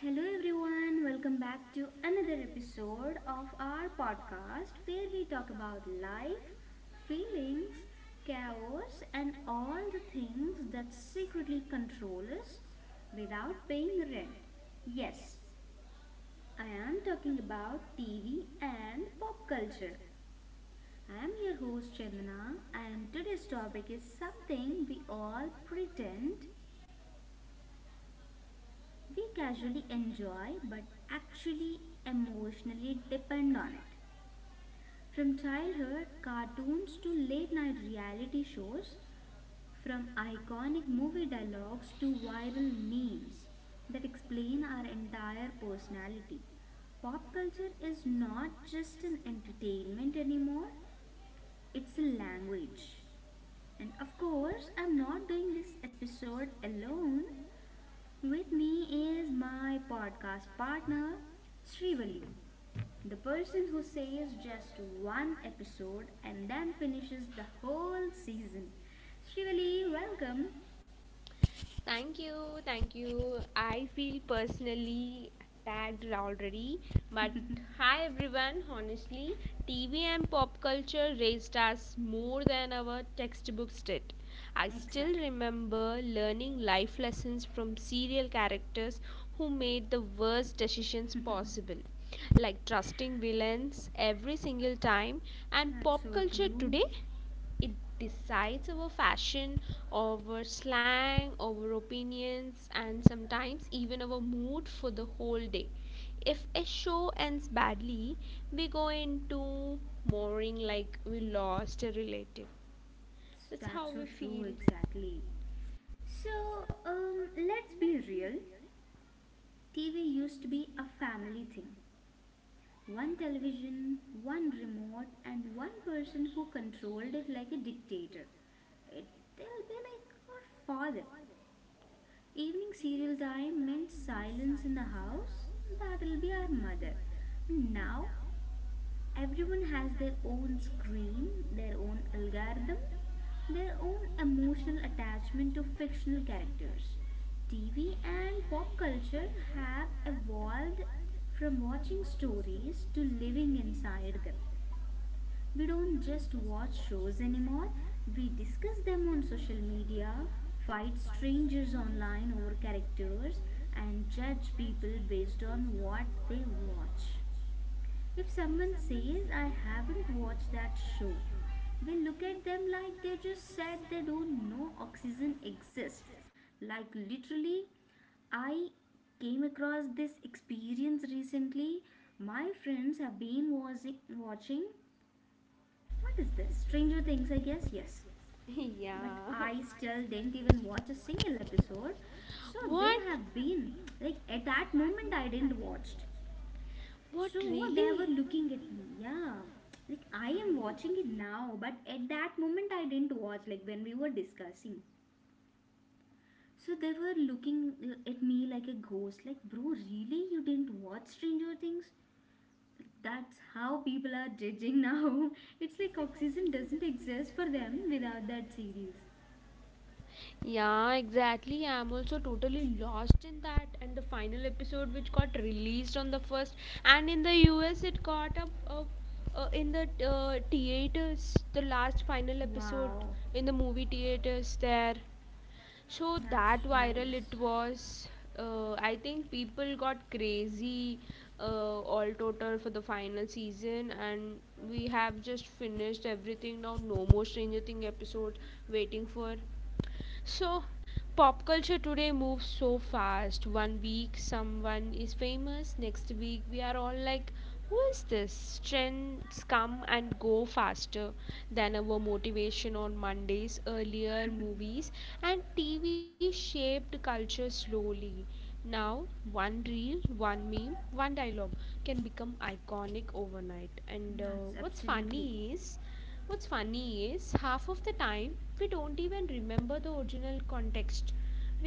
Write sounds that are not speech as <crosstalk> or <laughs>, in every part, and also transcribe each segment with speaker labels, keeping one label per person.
Speaker 1: Hello, everyone. Welcome back to another episode of our podcast where we talk about life, feelings, chaos, and all the things that secretly control us without paying rent. Yes, I am talking about TV and pop culture. I am your host Chandana, and today's topic is something we all pretend we casually enjoy but actually emotionally depend on it. From childhood cartoons to late night reality shows, from iconic movie dialogues to viral memes that explain our entire personality. Pop culture is not just an entertainment anymore, it's a language. And of course, I'm not doing this episode alone. With me is my podcast partner, Srivali, the person who says just one episode and then finishes the whole season. Srivali, welcome.
Speaker 2: Thank you, thank you. I feel personally tagged already, but hi everyone. Honestly, TV and pop culture raised us more than our textbooks did. I still
Speaker 1: Exactly.
Speaker 2: remember learning life lessons from serial characters who made the worst decisions possible, like trusting villains every single time, and
Speaker 1: That's
Speaker 2: pop
Speaker 1: so
Speaker 2: culture
Speaker 1: true.
Speaker 2: today it decides our fashion, our slang, our opinions, and sometimes even our mood for the whole day. If a show ends badly, we go into mourning like we lost a relative. That's
Speaker 1: That's
Speaker 2: how.
Speaker 1: so true, exactly. So, let's be real. TV used to be a family thing. One television, one remote, and one person who controlled it like a dictator. It, they'll be like our father. Evening serial time meant silence in the house. That'll be our mother. Now everyone has their own screen, their own algorithm, their own emotional attachment to fictional characters. TV and pop culture have evolved from watching stories to living inside them. We don't just watch shows anymore, we discuss them on social media, fight strangers online over characters, and judge people based on what they watch. If someone says, I haven't watched that show, we look at them like they just said they don't know oxygen exists. Like, literally, I came across this experience recently. My friends have been watching what is this? Stranger Things, I guess, yes.
Speaker 2: <laughs>
Speaker 1: But
Speaker 2: Yeah.
Speaker 1: I still didn't even watch a single episode. So they
Speaker 2: What
Speaker 1: have been like at that moment I didn't watched.
Speaker 2: what
Speaker 1: So they were looking at me. Yeah. Like I am watching it now, but at that moment I didn't watch like when we were discussing. So they were looking at me like a ghost. Like, bro, really you didn't watch Stranger Things? That's how people are judging now. <laughs> It's like oxygen doesn't exist for them without that series.
Speaker 2: Yeah, exactly. I'm also totally lost in that. And the final episode, which got released on the first, and in the US, it got up in the theaters. The last final episode
Speaker 1: Wow,
Speaker 2: in the movie theaters there. So that
Speaker 1: that's
Speaker 2: viral it
Speaker 1: nice.
Speaker 2: was. I think people got crazy uh, all total for the final season, and we have just finished everything now. No more Stranger Thing episodes waiting for. So, pop culture today moves so fast. One week someone is famous, next week we are all like, who is this? Trends come and go faster than our motivation on Mondays. Earlier, movies and TV shaped culture slowly. Now, one reel, one meme, one dialogue can become iconic overnight. And
Speaker 1: That's
Speaker 2: what's
Speaker 1: absolutely.
Speaker 2: funny is, What's funny is half of the time we don't even remember the original context.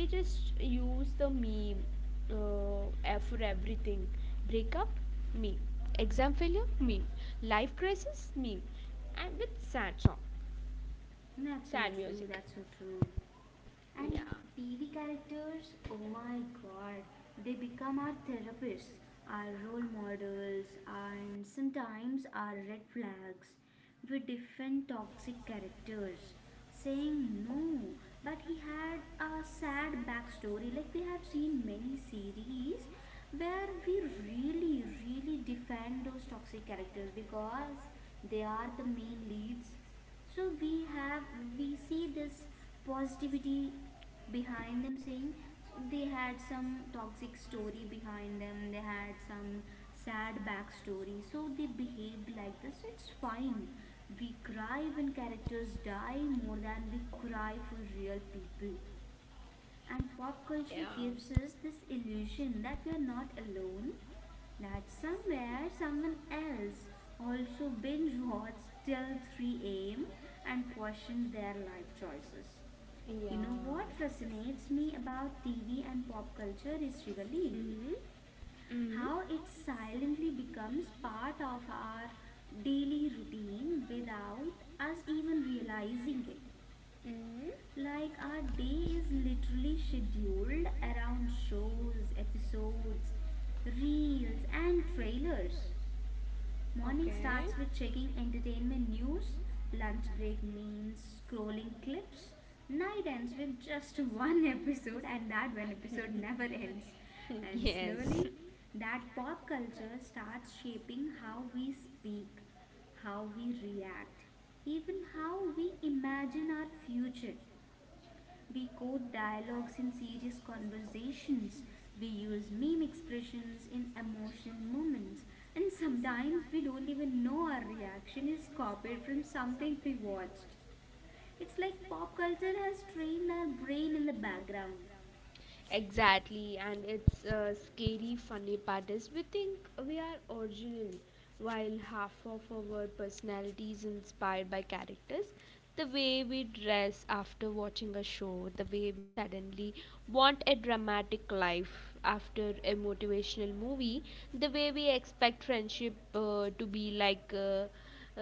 Speaker 2: We just use the meme for everything. Breakup meme, exam failure meme, life crisis meme, and with sad song,
Speaker 1: That's so
Speaker 2: sad
Speaker 1: true.
Speaker 2: music.
Speaker 1: That's so true. And TV characters, oh my god, they become our therapists, our role models, and sometimes our red flags. We defend toxic characters, saying no, but he had a sad backstory. Like we have seen many series where we really, really defend those toxic characters because they are the main leads, so we see this positivity behind them, saying they had some toxic story behind them, they had some sad backstory, so they behaved like this. So, it's fine. We cry when characters die more than we cry for real people, and pop culture gives us this illusion that we are not alone, that somewhere someone else also binge watched till 3 a.m. and questioned their life choices. You
Speaker 2: Yeah.
Speaker 1: know what fascinates me about TV and pop culture is really how
Speaker 2: Mm-hmm.
Speaker 1: it silently becomes part of our daily routine without us even realizing it.
Speaker 2: Mm-hmm.
Speaker 1: Like our day is literally scheduled around shows, episodes, reels, and trailers. Morning
Speaker 2: Okay.
Speaker 1: starts with checking entertainment news, lunch break means scrolling clips, night ends with just <laughs> one episode, and that one episode never <laughs> ends.
Speaker 2: <laughs>
Speaker 1: And slowly,
Speaker 2: Yes.
Speaker 1: that pop culture starts shaping how we speak, how we react, even how we imagine our future. We quote dialogues in serious conversations. We use meme expressions in emotional moments. And sometimes we don't even know our reaction is copied from something we watched. It's like pop culture has trained our brain in the background.
Speaker 2: Exactly, and it's a scary, funny part is we think we are original, while half of our personality is inspired by characters. The way we dress after watching a show, the way we suddenly want a dramatic life after a motivational movie, the way we expect friendship to be like uh,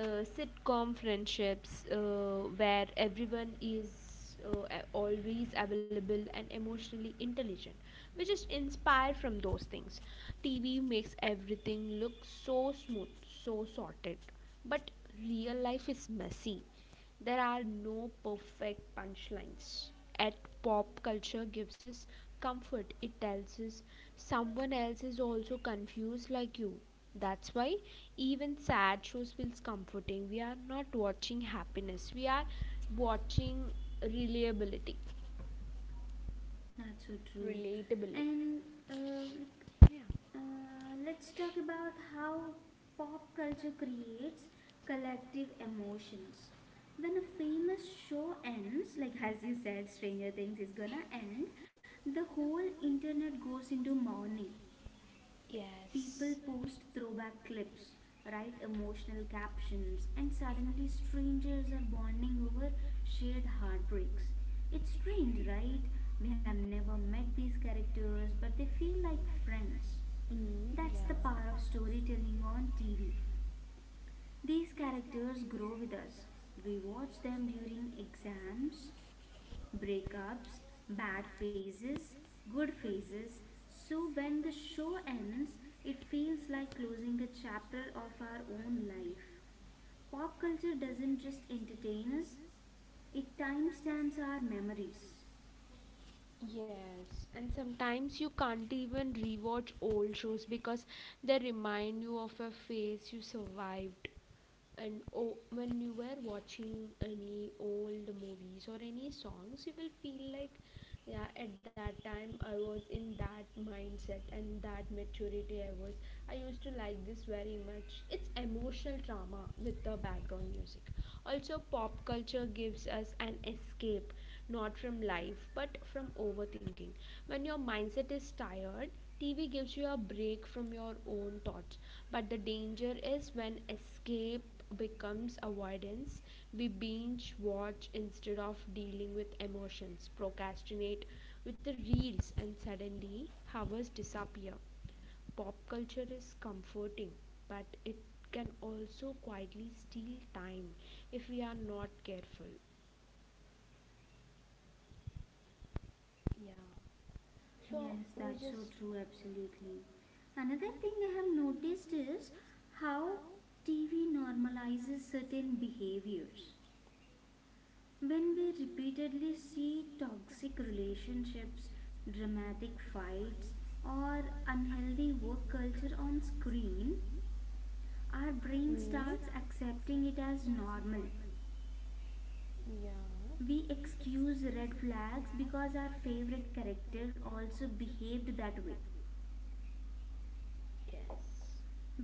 Speaker 2: uh, sitcom friendships where everyone is always available and emotionally intelligent. We just inspire from those things. TV makes everything look so smooth, so sorted. But real life is messy. There are no perfect punchlines. At pop culture gives us comfort. It tells us someone else is also confused like you. That's why even sad shows feels comforting. We are not watching happiness. We are watching reliability,
Speaker 1: Not so true.
Speaker 2: relatability.
Speaker 1: And uh, let's talk about how pop culture creates collective emotions. When a famous show ends, like <laughs> as you said, Stranger Things is gonna end, the whole internet goes into mourning.
Speaker 2: Yes.
Speaker 1: People post throwback clips, write emotional captions, and suddenly strangers are bonding over shared heartbreaks. It's strange, right? We have never met these characters, but they feel like friends.
Speaker 2: Mm,
Speaker 1: That's the power of storytelling on TV. These characters grow with us. We watch them during exams, breakups, bad phases, good phases. So when the show ends, it feels like closing a chapter of our own life. Pop culture doesn't just entertain us, it timestamps our memories.
Speaker 2: yes, and sometimes you can't even rewatch old shows because they remind you of a phase you survived. And oh, when you were watching any old movies or any songs you will feel like, yeah, at that time I was in that mindset and that maturity. I used to like this very much. It's emotional drama with the background music. Also pop culture gives us an escape, not from life but from overthinking. When your mindset is tired, TV gives you a break from your own thoughts. But the danger is when escape becomes avoidance, we binge watch instead of dealing with emotions, procrastinate with the reels, and suddenly hours disappear. Pop culture is comforting, but it can also quietly steal time if we are not careful. Yeah. So
Speaker 1: Yes, that's so true, absolutely. Another thing I have noticed is how TV normalizes certain behaviors. When we repeatedly see toxic relationships, dramatic fights, or unhealthy work culture on screen, our brain starts accepting it as normal.
Speaker 2: yeah,
Speaker 1: We excuse red flags because our favorite character also behaved that way.
Speaker 2: yes.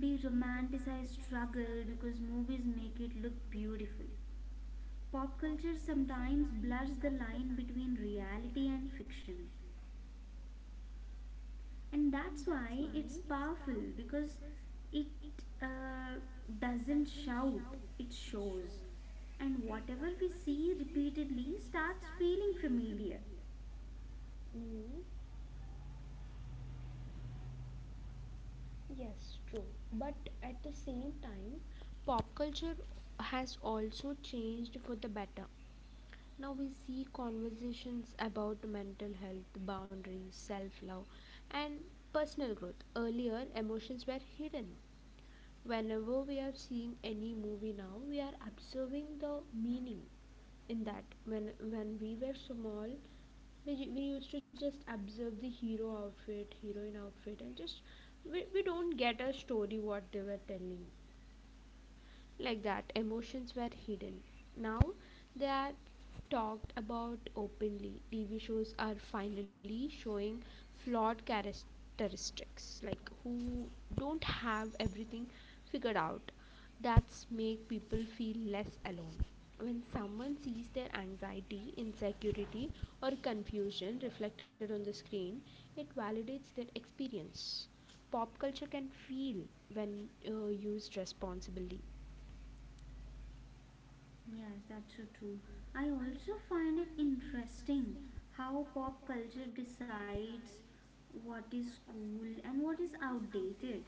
Speaker 1: We romanticize struggle because movies make it look beautiful. Pop culture sometimes blurs the line between reality and fiction, and that's why it's powerful because it uh, doesn't shout, it shows. And whatever we see repeatedly starts feeling familiar.
Speaker 2: Mm, yes, true. But at the same time, pop culture has also changed for the better. Now we see conversations about mental health, boundaries, self love, and personal growth. Earlier, emotions were hidden. Whenever we are seeing any movie, now we are observing the meaning in that. When we were small, we used to just observe the hero outfit, heroine outfit, and just we don't get a story what they were telling. Like that emotions were hidden, now they are talked about openly. TV shows are finally showing flawed characteristics like who don't have everything figured out. That's make people feel less alone. When someone sees their anxiety, insecurity, or confusion reflected on the screen, it validates their experience. Pop culture can feel when used responsibly.
Speaker 1: Yes, that's so true. I also find it interesting how pop culture decides what is cool and what is outdated.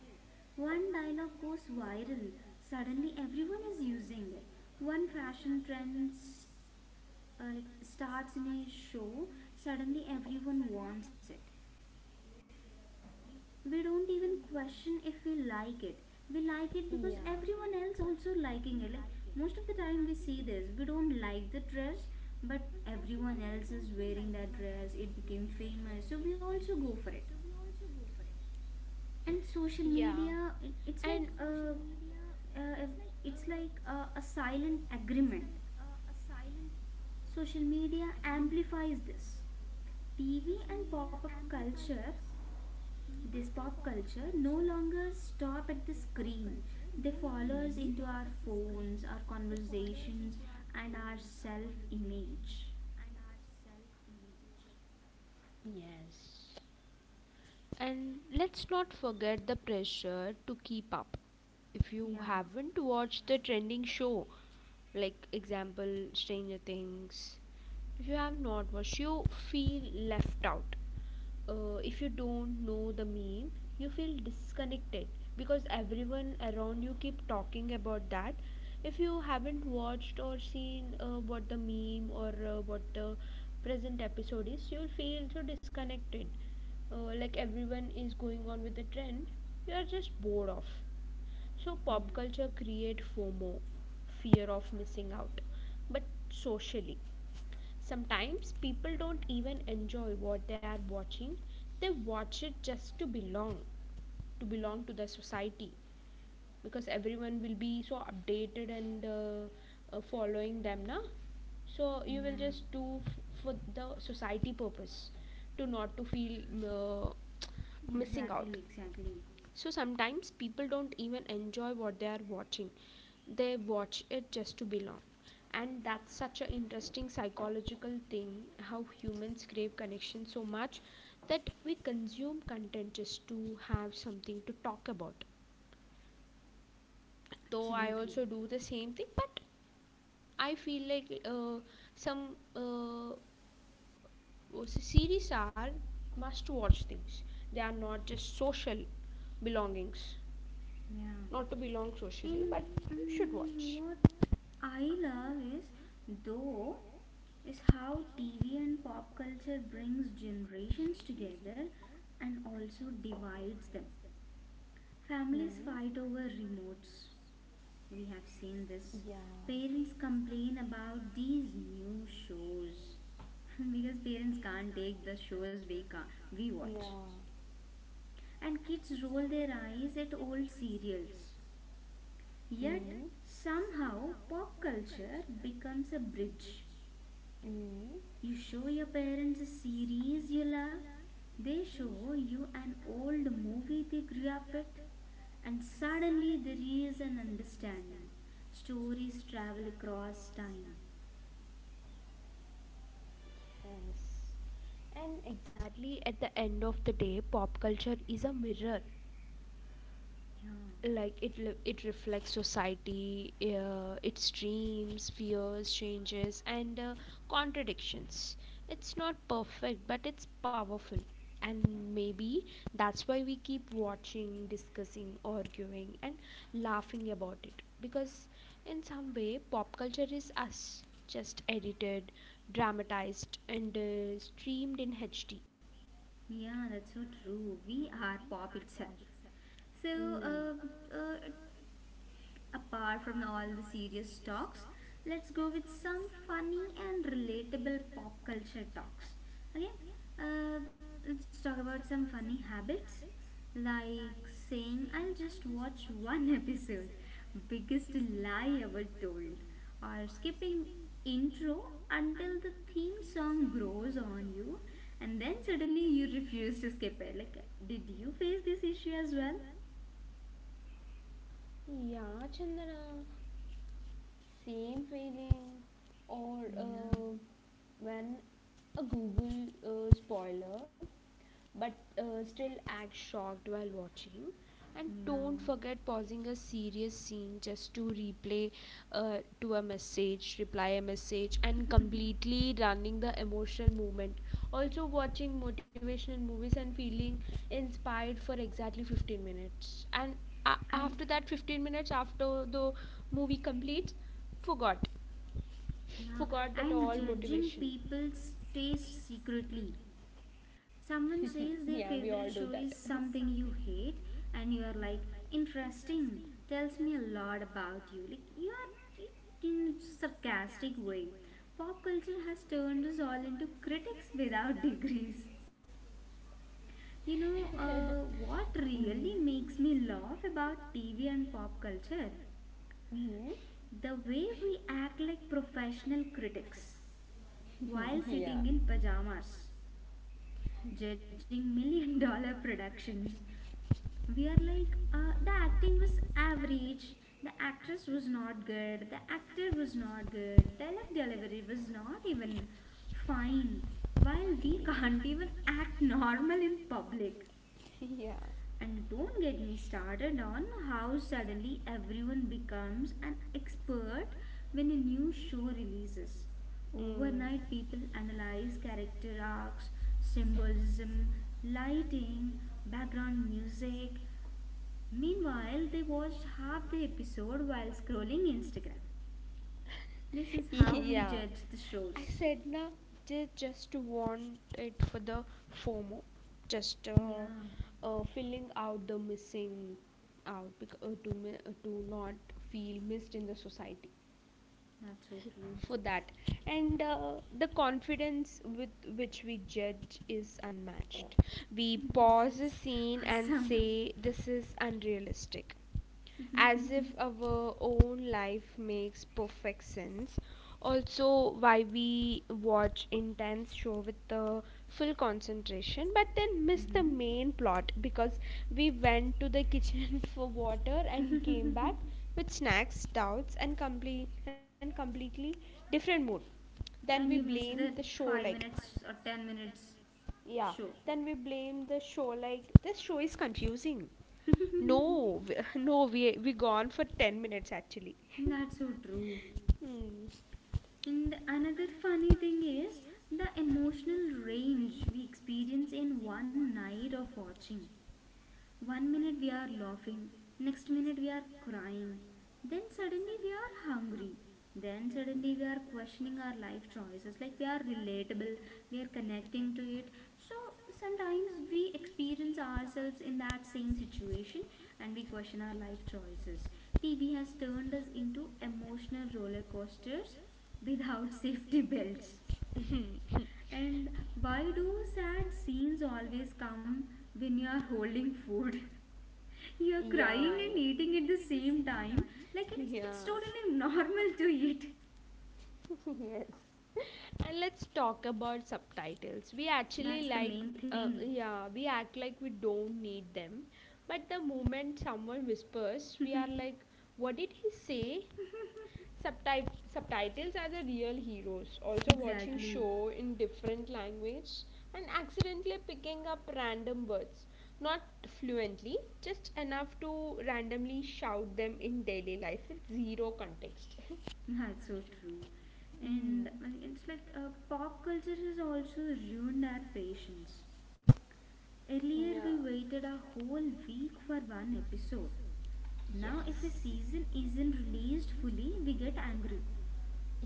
Speaker 1: One dialogue goes viral, suddenly everyone is using it. One fashion trend like starts in a show, suddenly everyone wants it. We don't even question if we like it. We like it because everyone else also liking it. Like most of the time we see this, we don't like the dress, but everyone else is wearing that dress. It became famous, so we also go for it. And social
Speaker 2: Yeah.
Speaker 1: media, it's
Speaker 2: And
Speaker 1: uh, like a a silent agreement. Social media amplifies this. Tv and pop-up culture This pop culture no longer stop at the screen. They follow us into our phones, our conversations, and our self-image.
Speaker 2: yes. And let's not forget the pressure to keep up. If you
Speaker 1: Yeah,
Speaker 2: haven't watched the trending show, like example Stranger Things, if you have not watched, you feel left out. Uh, if you don't know the meme you feel disconnected because everyone around you keep talking about that. If you haven't watched or seen what the meme or what the present episode is, you'll feel so disconnected. Uh, like everyone is going on with the trend, you're just bored of. So
Speaker 1: yeah,
Speaker 2: pop culture create FOMO, fear of missing out. But socially sometimes people don't even enjoy what they are watching. They watch it just to belong, to belong to the society because everyone will be so updated and following them now. So you will
Speaker 1: yeah.
Speaker 2: just do for the society purpose, to not to feel missing
Speaker 1: Exactly,
Speaker 2: out.
Speaker 1: exactly.
Speaker 2: So sometimes people don't even enjoy what they are watching, they watch it just to belong. And that's such an interesting psychological thing, how humans crave connection so much that we consume content just to have something to talk about. Though I
Speaker 1: Absolutely.
Speaker 2: also do the same thing, but I feel like some series are must watch things. They are not just social belongings,
Speaker 1: Yeah.
Speaker 2: not to belong socially, but
Speaker 1: And
Speaker 2: you should watch.
Speaker 1: what I love is, though, is how TV and pop culture brings generations together and also divides them. Families fight over remotes. We have seen this.
Speaker 2: Yeah.
Speaker 1: Parents complain about these new shows <laughs> because parents can't take the shows we watch. And kids roll their eyes at old serials. Yet somehow pop culture becomes a bridge.
Speaker 2: Mm,
Speaker 1: You show your parents a series you love, they show you an old movie they grew up with, and suddenly there is an understanding. Stories travel across time.
Speaker 2: yes. And exactly at the end of the day, pop culture is a mirror.
Speaker 1: Yeah,
Speaker 2: It it reflects society, its dreams, fears, changes, and contradictions. It's not perfect but it's powerful. And maybe that's why we keep watching, discussing, arguing, and laughing about it because in some way pop culture is us, just edited, dramatized, and streamed in HD.
Speaker 1: yeah, that's so true. We are pop itself. So, uh, uh, apart from all the serious talks, let's go with some funny and relatable pop culture talks. Okay, uh, let's talk about some funny habits like saying, I'll just watch one <laughs> episode, biggest lie ever told, or skipping intro until the theme song grows on you and then suddenly you refuse to skip it. Like, did you face this issue as well?
Speaker 2: Yeah, Chandana, same feeling. Or
Speaker 1: Yeah,
Speaker 2: when a Google spoiler, but still act shocked while watching. And
Speaker 1: yeah.
Speaker 2: don't forget pausing a serious scene just to replay, to a message reply a message and completely running the emotional moment. Also watching motivational movies and feeling inspired for exactly 15 minutes, and after
Speaker 1: And
Speaker 2: that 15 minutes after the movie completes, forgot,
Speaker 1: Yeah,
Speaker 2: forgot that.
Speaker 1: and judging people's taste secretly. Someone says their favorite show is something you hate, and you are like, interesting, tells me a lot about you. Like, you are in a sarcastic way. Pop culture has turned us all into critics without <laughs> degrees. You know, what really makes me laugh about TV and pop culture?
Speaker 2: <laughs>
Speaker 1: The way we act like professional critics while sitting in pajamas, judging million dollar productions. We are like, the acting was average, the actress was not good, the actor was not good, dialogue delivery was not even fine, while we can't even act normal in public. And don't get me started on how suddenly everyone becomes an expert when a new show releases. Overnight, people analyze character arcs, symbolism, lighting, background music. Meanwhile, they watched half the episode while scrolling Instagram. This is how we judge the shows.
Speaker 2: Said na, <laughs> just want it for the FOMO, just
Speaker 1: Yeah,
Speaker 2: filling out the missing out because, to not feel missed in the society
Speaker 1: that's okay.
Speaker 2: for that. And the confidence with which we judge is unmatched. We
Speaker 1: <laughs>
Speaker 2: pause a
Speaker 1: That's
Speaker 2: scene and
Speaker 1: awesome.
Speaker 2: say this is unrealistic,
Speaker 1: <laughs>
Speaker 2: as if our own life makes perfect sense. Also, why we watch intense show with the full concentration but then miss the
Speaker 1: Mhm.
Speaker 2: main plot because we went to the kitchen <laughs> for water and with snacks, doubts, and completely different mood. Then we
Speaker 1: And you
Speaker 2: blame
Speaker 1: missed
Speaker 2: the
Speaker 1: that
Speaker 2: show like,
Speaker 1: 5 minutes or 10 minutes
Speaker 2: yeah,
Speaker 1: show.
Speaker 2: we blame the show like this show is confusing.
Speaker 1: <laughs>
Speaker 2: No, <laughs> no, we gone for 10 minutes actually. <laughs>
Speaker 1: That's so true.
Speaker 2: Hmm.
Speaker 1: And another funny thing is the emotional range we experience in one night of watching. One minute we are laughing, next minute we are crying, then suddenly we are hungry, then suddenly we are questioning our life choices, like we are relatable, we are connecting to it. So sometimes we experience ourselves in that same situation and we question our life choices. TV has turned us into emotional roller coasters without <laughs> safety belts. And why do sad scenes always come when you are holding food? You're
Speaker 2: <laughs>
Speaker 1: crying and eating at the same time. Like, it's totally <laughs> normal to eat.
Speaker 2: Yes. And let's talk about subtitles. We actually
Speaker 1: That's the
Speaker 2: like,
Speaker 1: main thing.
Speaker 2: yeah, we act like we don't need them. But the moment someone whispers, we are like, what did he say? Subtitles are the real heroes. Also, watching
Speaker 1: Exactly.
Speaker 2: show in different language and accidentally picking up random words. Not fluently, just enough to randomly shout them in daily life with zero context. <laughs>
Speaker 1: <laughs> That's so true.
Speaker 2: Mm,
Speaker 1: And it's like pop culture has also ruined our patience. Earlier we waited a whole week for one episode. Now
Speaker 2: yes.
Speaker 1: if a season isn't released fully, we get angry.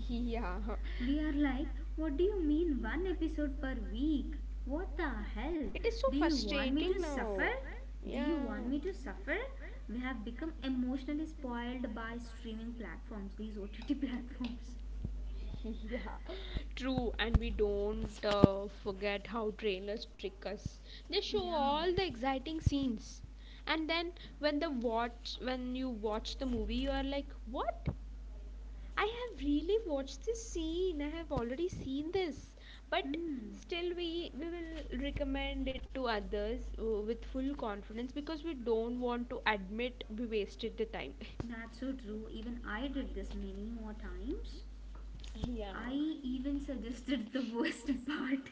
Speaker 2: Yeah,
Speaker 1: We are like, what do you mean one episode per week? What the hell?
Speaker 2: <laughs> so
Speaker 1: Do you
Speaker 2: first,
Speaker 1: want me to suffer? Do you
Speaker 2: yeah,
Speaker 1: want me to suffer? We have become emotionally spoiled by streaming platforms, these OTT <laughs> platforms.
Speaker 2: <laughs> yeah, true. And we don't forget how trailers trick us. They show
Speaker 1: Yeah.
Speaker 2: all the exciting scenes, and then when you watch the movie, you are like, "What? I have really watched this scene. I have already seen this." But
Speaker 1: Hmm.
Speaker 2: still, we will recommend it to others with full confidence because we don't want to admit we wasted the time. <laughs>
Speaker 1: That's so true. Even I did this many more times.
Speaker 2: Yeah.
Speaker 1: I even <laughs> suggested the worst <laughs> part.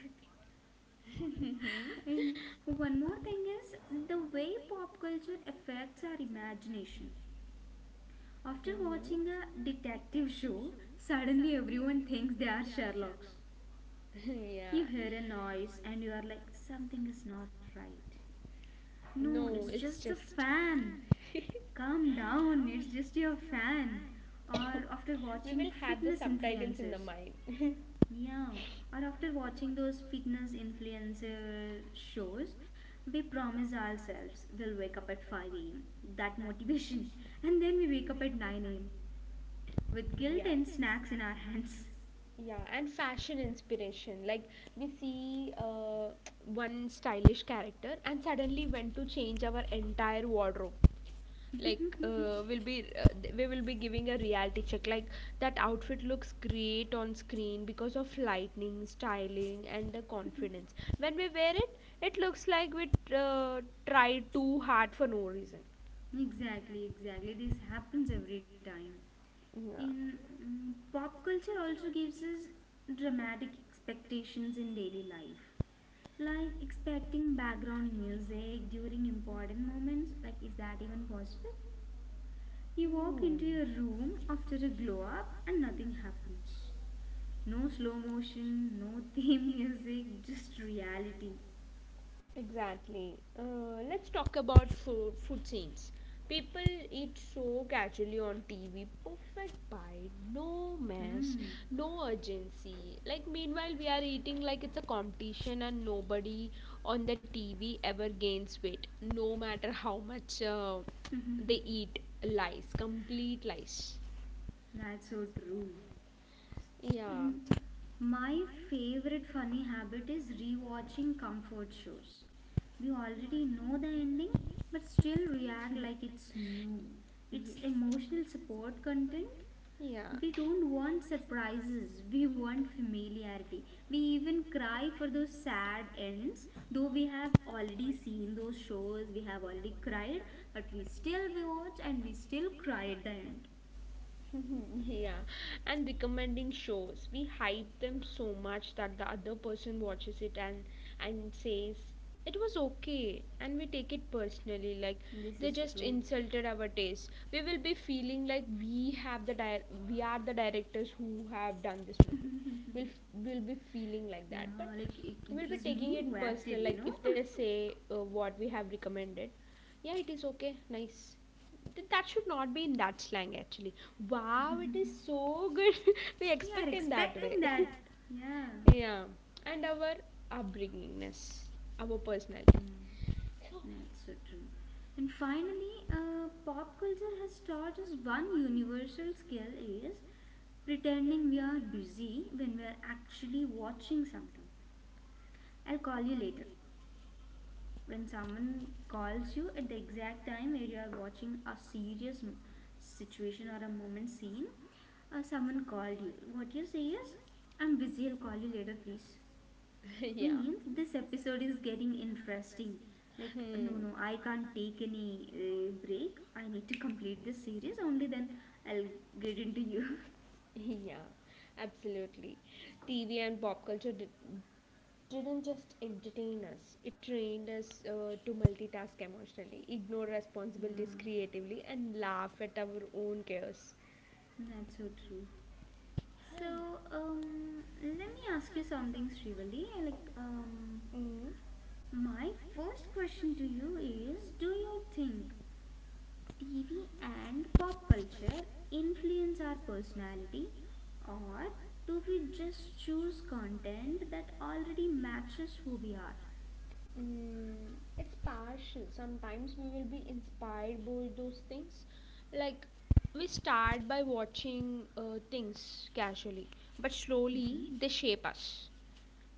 Speaker 1: And one more thing is the way pop culture affects our imagination. After
Speaker 2: <laughs>
Speaker 1: watching a detective show, suddenly everyone thinks they are Sherlocks. You
Speaker 2: Yeah.
Speaker 1: hear a noise and you are like, something is not right. No,
Speaker 2: <laughs>
Speaker 1: it's just the fan.
Speaker 2: In
Speaker 1: Calm down, it's just your fan. Or after watching fitness
Speaker 2: the
Speaker 1: influencers.
Speaker 2: mind. <laughs>
Speaker 1: Yeah, or after watching those fitness influencer shows, we promise ourselves we'll wake up at 5 am. That motivation. <laughs> And then we wake up at 9 am with guilt and snacks in our hands.
Speaker 2: Yeah, and fashion inspiration, like we see one stylish character and suddenly went to change our entire wardrobe. Like we'll be uh, we will be giving a reality check, like that outfit looks great on screen because of lighting, styling, and the confidence. When we wear it, it looks like we uh, tried too hard for no reason.
Speaker 1: <laughs> Exactly, exactly. This happens every time.
Speaker 2: Yeah.
Speaker 1: In Pop culture also gives us dramatic expectations in daily life, like expecting background music during important moments. Like, is that even possible? You walk into your room after a glow up and nothing happens. No slow motion, no <laughs> theme music, just reality.
Speaker 2: Exactly. Let's talk about food, food scenes. People eat so casually on TV. Perfect bite, no mess,
Speaker 1: Hmm,
Speaker 2: no urgency. Like, meanwhile, we are eating like it's a competition, and nobody on the TV ever gains weight, no matter how much they eat. Lies, complete lies.
Speaker 1: that's so true.
Speaker 2: Yeah.
Speaker 1: And my favorite funny habit is rewatching comfort shows. We already know the ending but still react like it's new. It's
Speaker 2: Yes.
Speaker 1: emotional support content.
Speaker 2: Yeah.
Speaker 1: We don't want surprises, we want familiarity. We even cry for those sad ends, though we have already seen those shows, we have already cried, but we still we watch and we still cry at the end.
Speaker 2: <laughs> Yeah, and recommending shows. We hype them so much that the other person watches it and says it was okay, and we take it personally. Like
Speaker 1: This
Speaker 2: they
Speaker 1: is
Speaker 2: just
Speaker 1: true.
Speaker 2: insulted our taste. We will be feeling like we have the we are the directors who have done this movie. We'll be feeling like
Speaker 1: Yeah,
Speaker 2: that, but
Speaker 1: like it,
Speaker 2: we'll
Speaker 1: it
Speaker 2: be
Speaker 1: was
Speaker 2: taking
Speaker 1: me
Speaker 2: it.
Speaker 1: who acted, you
Speaker 2: Like
Speaker 1: know?
Speaker 2: if they say what we have recommended, yeah, it is okay. Nice. That should not be in that slang actually. Wow, so good. <laughs> We
Speaker 1: You are
Speaker 2: expect in that.
Speaker 1: expecting that. Yeah,
Speaker 2: Yeah, and our upbringingness, our personality.
Speaker 1: that's so true. And finally, pop culture has taught us one universal skill is pretending we are busy when we are actually watching something. I'll call you later. When someone calls you at the exact time where you are watching a serious situation or a moment scene, someone called you. What you say is, I'm busy, I'll call you later, please.
Speaker 2: <laughs> Yeah.
Speaker 1: Means this episode is getting interesting. Like, no,
Speaker 2: Hmm.
Speaker 1: no, I can't take any break. I need to complete this series, only then I'll get into you.
Speaker 2: Yeah, absolutely. TV and pop culture didn't just entertain us, it trained us to multitask emotionally, ignore
Speaker 1: <laughs>
Speaker 2: responsibilities
Speaker 1: Yeah,
Speaker 2: creatively, and laugh at our own chaos.
Speaker 1: that's so true. So, let me ask you something, Srivali. Like,
Speaker 2: Mm.
Speaker 1: my first question to you is, do you think TV and pop culture influence our personality, or do we just choose content that already matches who we are?
Speaker 2: Mm, it's partial. Sometimes we will be inspired by those things. Like, we start by watching things casually, but
Speaker 1: Mm-hmm.
Speaker 2: slowly they shape us.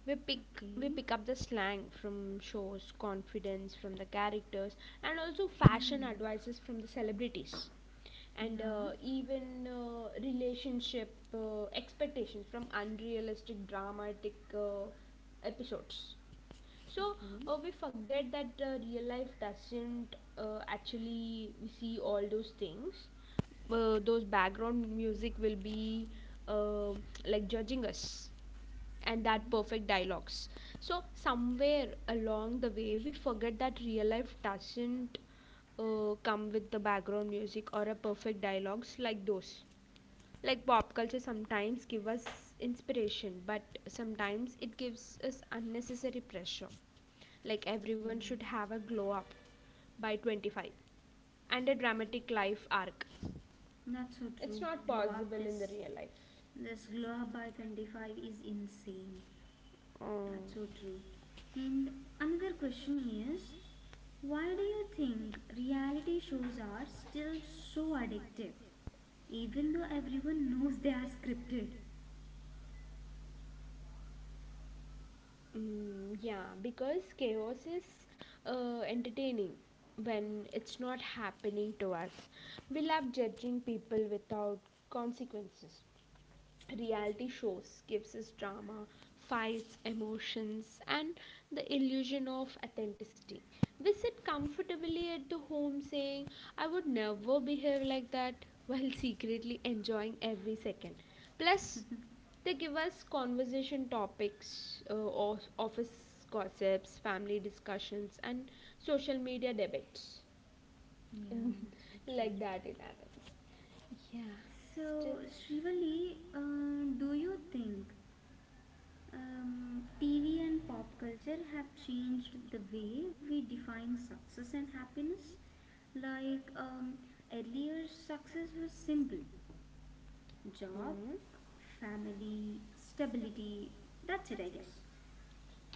Speaker 2: We pick we
Speaker 1: Okay.
Speaker 2: pick up the slang from shows, confidence from the characters, and also fashion
Speaker 1: Hmm.
Speaker 2: advices from the celebrities, and
Speaker 1: Yeah.
Speaker 2: even relationship expectations from unrealistic dramatic episodes. So
Speaker 1: Okay.
Speaker 2: we forget that real life doesn't, actually we see all those things, those background music will be, uh, like judging us, and that
Speaker 1: Mm-hmm.
Speaker 2: perfect dialogues. So somewhere along the way we forget that real life doesn't come with the background music or a perfect dialogues like those. Like, pop culture sometimes give us inspiration, but sometimes it gives us unnecessary pressure, like
Speaker 1: Yeah.
Speaker 2: everyone should have a glow up by 25 and a dramatic life arc
Speaker 1: That's so true. Glow up
Speaker 2: possible in the
Speaker 1: this
Speaker 2: real life.
Speaker 1: this glow up by 25 is insane.
Speaker 2: um,
Speaker 1: That's so true. And another question is, why do you think reality shows are still so addictive? Even though everyone knows they are scripted.
Speaker 2: mm, yeah, because chaos is entertaining when it's not happening to us. We love judging people without consequences. Reality shows gives us drama, fights, emotions, and the illusion of authenticity. We sit comfortably at the home saying, I would never behave like that, <laughs> while secretly enjoying every second. Plus, they give us conversation topics of office gossips, family discussions, and social media debates.
Speaker 1: Yeah, that's
Speaker 2: <laughs>
Speaker 1: so
Speaker 2: Like
Speaker 1: true.
Speaker 2: that it happens, yeah.
Speaker 1: So, Shrivali, do you think TV and pop culture have changed the way we define success and happiness? Like, earlier, success was simple: job,
Speaker 2: Mm.
Speaker 1: family, stability. That's it, I guess.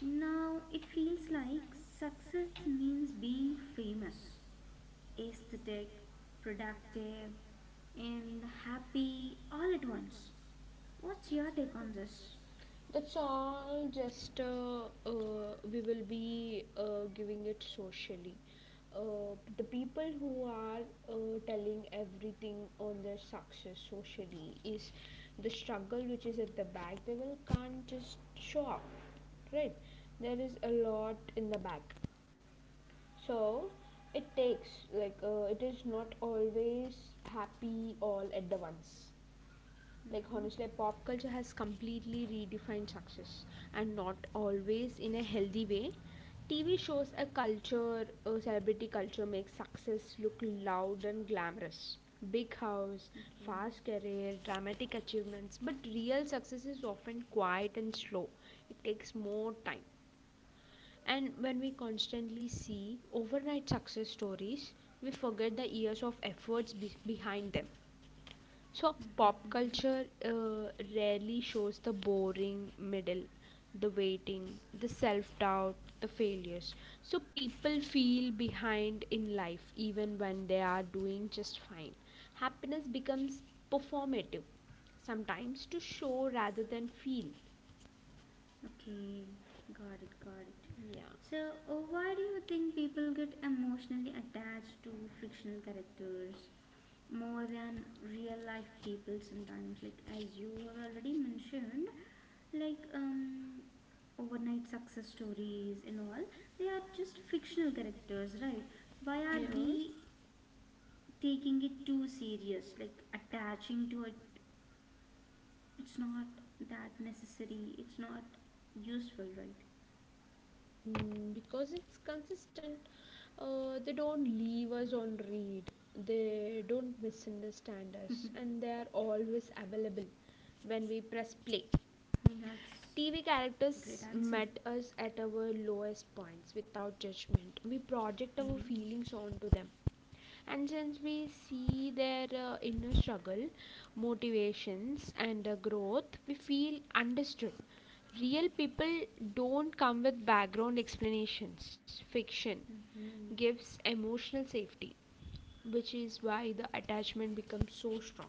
Speaker 1: Now, it feels like success means being famous, aesthetic, productive, and happy all at once. What's your take on this?
Speaker 2: That's all just we will be giving it socially. The people who are telling everything on their success socially is the struggle which is at the back. They will can't just show up, right? There is a lot in the back, so it takes like, it is not always happy all at the once. Like honestly,
Speaker 1: Mm-hmm.
Speaker 2: pop culture has completely redefined success, and not always in a healthy way. TV shows a culture, a celebrity culture makes success look loud and glamorous: big house,
Speaker 1: Okay.
Speaker 2: fast
Speaker 1: <laughs>
Speaker 2: career, dramatic achievements. But real success is often quiet and slow. It takes more time, and when we constantly see overnight success stories, we forget the years of efforts behind them. So pop
Speaker 1: Mm-hmm.
Speaker 2: culture rarely shows the boring middle, the waiting, the self doubt, the failures. So people feel behind in life even when they are doing just fine. Happiness becomes performative, sometimes to show rather than feel.
Speaker 1: Okay. Got it. Got it.
Speaker 2: Yeah.
Speaker 1: So, why do you think people get emotionally attached to fictional characters more than real life people sometimes? Like, as you have already mentioned, like overnight success stories and all, they are just fictional characters, right? Why are we taking it too serious, like attaching to it? It's not that necessary, it's not useful, right?
Speaker 2: Mm, because it's consistent. They don't leave us on read, they don't misunderstand us, and they are always available when we press play.
Speaker 1: That's
Speaker 2: TV
Speaker 1: great
Speaker 2: characters
Speaker 1: answer.
Speaker 2: met us at our lowest points without judgment. We project our
Speaker 1: Mm-hmm.
Speaker 2: feelings onto them. And since we see their inner struggle, motivations, and growth, we feel understood. Real people don't come with background explanations. Fiction
Speaker 1: Hmm,
Speaker 2: gives emotional safety, which is why the attachment becomes so strong.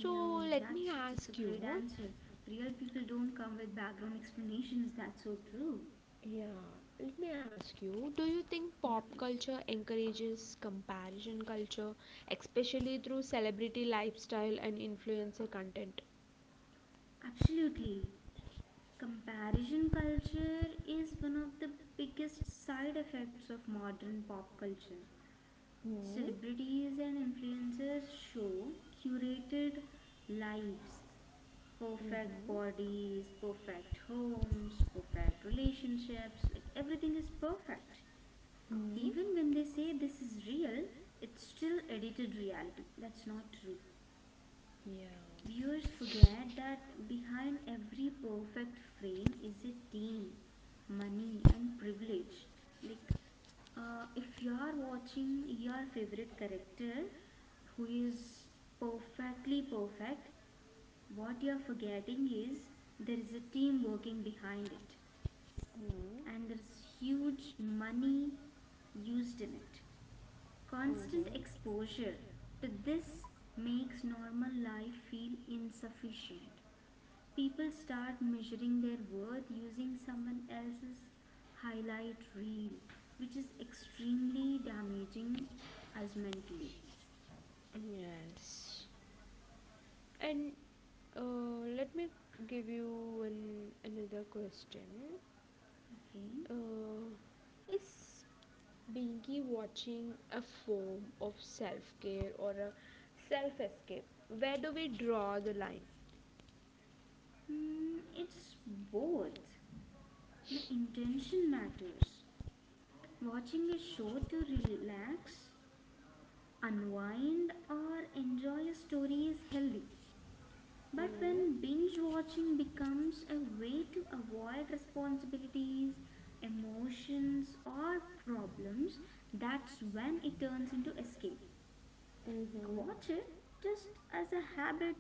Speaker 1: yeah,
Speaker 2: let me
Speaker 1: that's it's a
Speaker 2: ask
Speaker 1: great
Speaker 2: you.
Speaker 1: answer. Real people don't come with background explanations, that's so true.
Speaker 2: Yeah, let me ask you, do you think
Speaker 1: Yeah,
Speaker 2: pop
Speaker 1: please.
Speaker 2: culture encourages comparison culture, especially through celebrity lifestyle and influencer content?
Speaker 1: Absolutely. Comparison culture is one of the biggest side effects of modern pop culture.
Speaker 2: Hmm.
Speaker 1: Celebrities and influencers show curated lives, perfect bodies, perfect homes, perfect relationships, like everything is perfect.
Speaker 2: Hmm.
Speaker 1: Even when they say this is real, it's still edited reality. That's not true.
Speaker 2: Yeah.
Speaker 1: Viewers forget that behind every perfect frame is a team, money, and privilege. Like, if you are watching your favorite character who is perfectly perfect, what you are forgetting is there is a team working behind it,
Speaker 2: Hmm.
Speaker 1: and there is huge money used in it. Constant exposure to this makes normal life feel insufficient. People start measuring their worth using someone else's highlight reel, which is extremely damaging us mentally.
Speaker 2: Yes. And let me give you one another question.
Speaker 1: Okay.
Speaker 2: Uh, is binge watching a form of self care or a self escape? Where do we draw the line?
Speaker 1: It's both. The intention matters. Watching a show to relax, unwind, or enjoy a story is healthy. But when binge watching becomes a way to avoid responsibilities, emotions, or problems, that's when it turns into escape. Like,
Speaker 2: Mm-hmm.
Speaker 1: watch it just as a habit,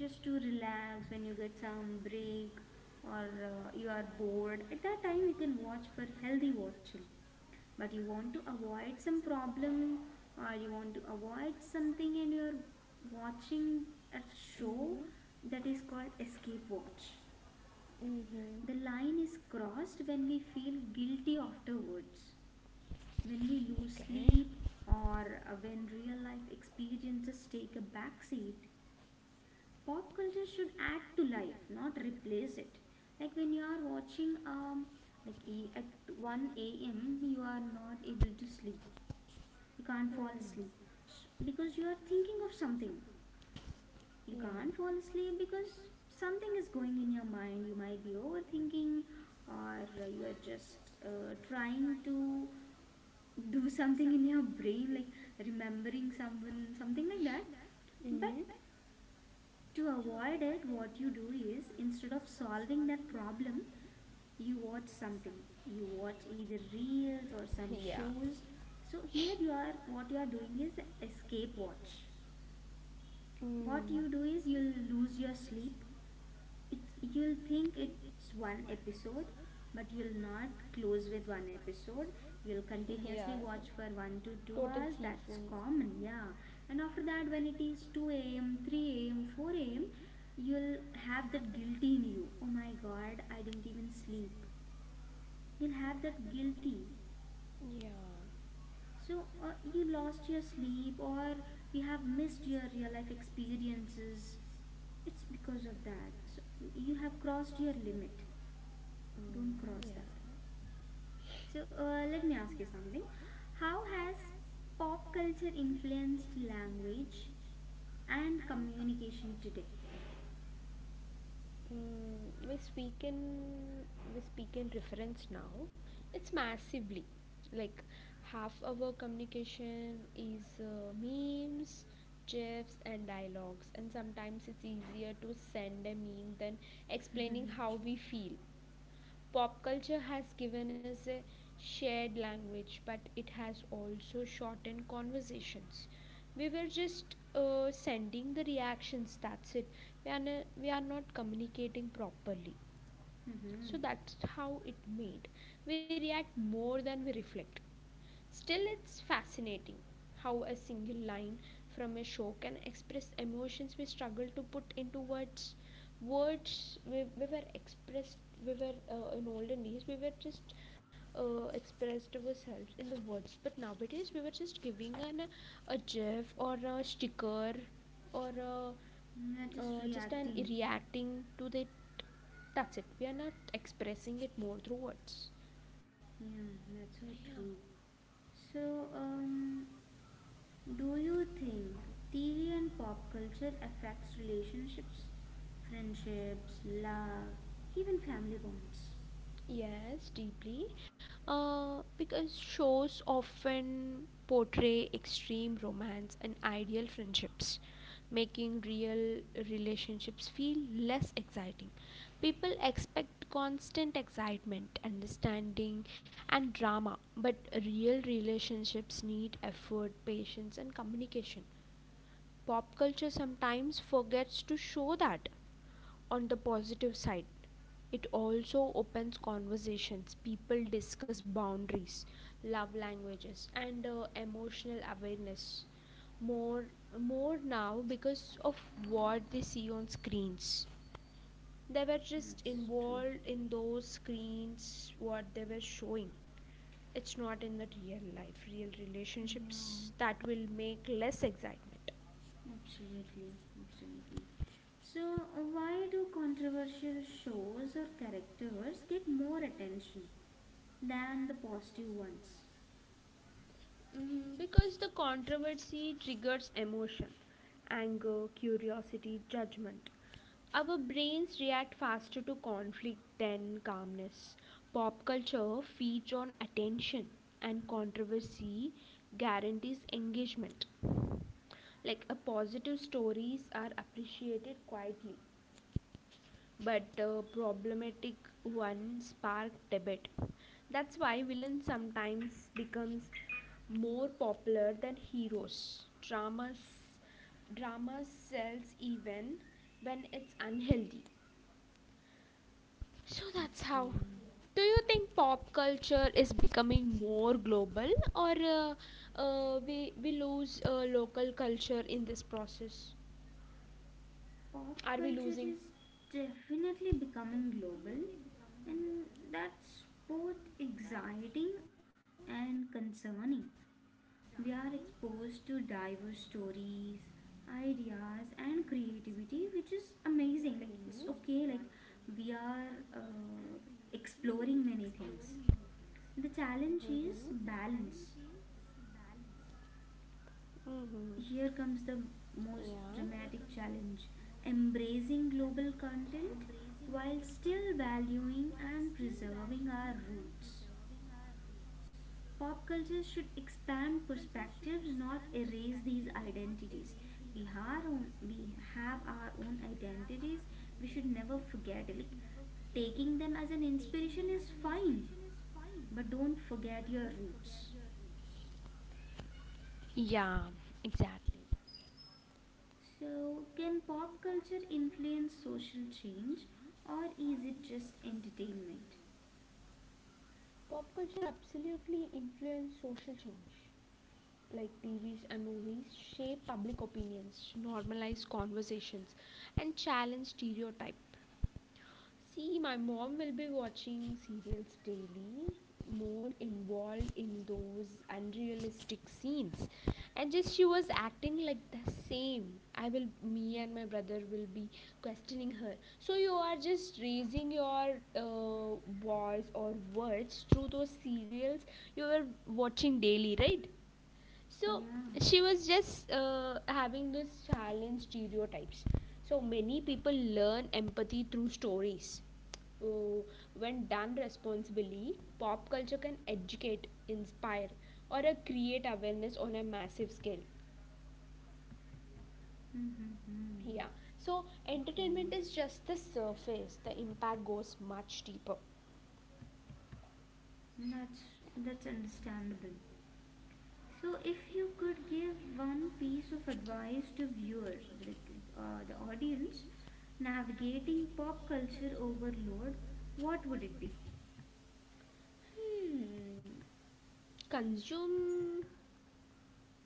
Speaker 1: just to relax when you get some break or you are bored. At that time, you can watch for healthy watching, but you want to avoid some problem or you want to avoid something and you're watching a show, that is called escape watch. The
Speaker 2: Mm-hmm.
Speaker 1: line is crossed when we feel guilty afterwards, when we lose sleep or when real life experiences take a backseat. Pop culture should add to life, not replace it. Like when you are watching like at 1 a.m. you are not able to sleep. You can't fall asleep, because you are thinking of something. You
Speaker 2: Yeah.
Speaker 1: can't fall asleep because something is going in your mind. You might be overthinking, or you are just trying to do <laughs> something in your brain, like remembering someone, something like that. But
Speaker 2: Mm,
Speaker 1: to avoid it, what you do is, instead of solving that problem, you watch something. You watch either reels or some shows. So here you are, what you are doing is escape watch. What
Speaker 2: mm,
Speaker 1: you do is you'll lose your sleep. It You'll think it's one episode, but you'll not close with one episode. You'll continuously watch for 1 to 2 hours. That's common, yeah. And after that, when it is 2 a.m., 3 a.m., 4 a.m., you'll have that guilty in you, oh my god, I didn't even sleep. You'll have that guilty.
Speaker 2: yeah.
Speaker 1: So you lost your sleep or you have missed your real life experiences. It's because of that. So you have crossed your limit. Don't
Speaker 2: Mm,
Speaker 1: cross
Speaker 2: yeah.
Speaker 1: that. So let me ask you something. How has pop culture influenced language and communication today?
Speaker 2: Mm, we speak in reference now. It's massively, like, half our communication is memes, gifs, and dialogues. And sometimes it's easier to send a meme than explaining how we feel. Pop culture has given us a shared language, but it has also shortened conversations. We were just sending the reactions, that's it. We are, we are not communicating properly.
Speaker 1: Mm-hmm.
Speaker 2: So that's how it made. We react more than we reflect. Still, it's fascinating how a single line from a show can express emotions we struggle to put into words. Words we were expressed, we were in olden days, we were just expressed ourselves in the words, but nowadays we were just giving an a gif or a sticker or a,
Speaker 1: You are just
Speaker 2: just an
Speaker 1: reacting.
Speaker 2: reacting to that. That's it. We are not expressing it more through words.
Speaker 1: Yeah, that's so
Speaker 2: Yeah.
Speaker 1: true. So, do you think TV and pop culture affects relationships, friendships, love, even family bonds?
Speaker 2: Yes, deeply. Because shows often portray extreme romance and ideal friendships, making real relationships feel less exciting. People expect constant excitement, understanding, and drama, but real relationships need effort, patience, and communication. Pop culture sometimes forgets to show that. On the positive side, it also opens conversations. People discuss boundaries, love languages, and emotional awareness more more now because of what they see on screens. They were just
Speaker 1: That's true.
Speaker 2: involved in those screens what they were showing. It's not in the real life real
Speaker 1: Yeah.
Speaker 2: relationships that will make less excitement.
Speaker 1: Absolutely, absolutely. So, why do controversial shows or characters get more attention than the positive ones?
Speaker 2: Mm, because the controversy triggers emotion: anger, curiosity, judgment. Our brains react faster to conflict than calmness. Pop culture feeds on attention, and controversy guarantees engagement. Like, a positive stories are appreciated quietly, but problematic one spark debate. That's why villains sometimes becomes more popular than heroes. Drama sells even when it's unhealthy. So that's how.
Speaker 1: Okay,
Speaker 2: Do you think pop culture is becoming more global, or we lose local culture in this process?
Speaker 1: pop
Speaker 2: Are we
Speaker 1: culture
Speaker 2: losing?
Speaker 1: is definitely becoming global, and that's both exciting and concerning. We are exposed to diverse stories, ideas, and creativity, which is amazing. Like, it's okay, like, we are uh, exploring many things. The challenge is balance.
Speaker 2: Mm-hmm.
Speaker 1: Here comes the
Speaker 2: Yeah.
Speaker 1: most dramatic challenge, embracing global content while still valuing and preserving our roots. Pop culture should expand perspectives, not erase these identities. We have our own identities. We should never forget. Like, taking them as an inspiration is fine, but don't forget your roots.
Speaker 2: Yeah, exactly.
Speaker 1: So, can pop culture influence social change, or is it just entertainment?
Speaker 2: Pop culture absolutely influences social change. Like, TVs and movies shape public opinions, normalize conversations, and challenge stereotypes. See, my mom will be watching serials daily, more involved in those unrealistic scenes. And just she was acting like the same. I will, me and my brother will be questioning her. So you are just raising your uh, voice or words through those serials you were watching daily, right? So
Speaker 1: Yeah.
Speaker 2: she was just having this challenge stereotypes. So many people learn empathy through stories. Oh, when done responsibly, pop culture can educate, inspire, or create awareness on a massive scale.
Speaker 1: Mm-hmm. Mm-hmm.
Speaker 2: Yeah. So
Speaker 1: Okay.
Speaker 2: entertainment is just the surface. The impact goes much deeper.
Speaker 1: That's that's understandable. So, if you could give one piece of advice to viewers, like the audience, navigating pop culture overload, what would it be?
Speaker 2: Hmm. Consume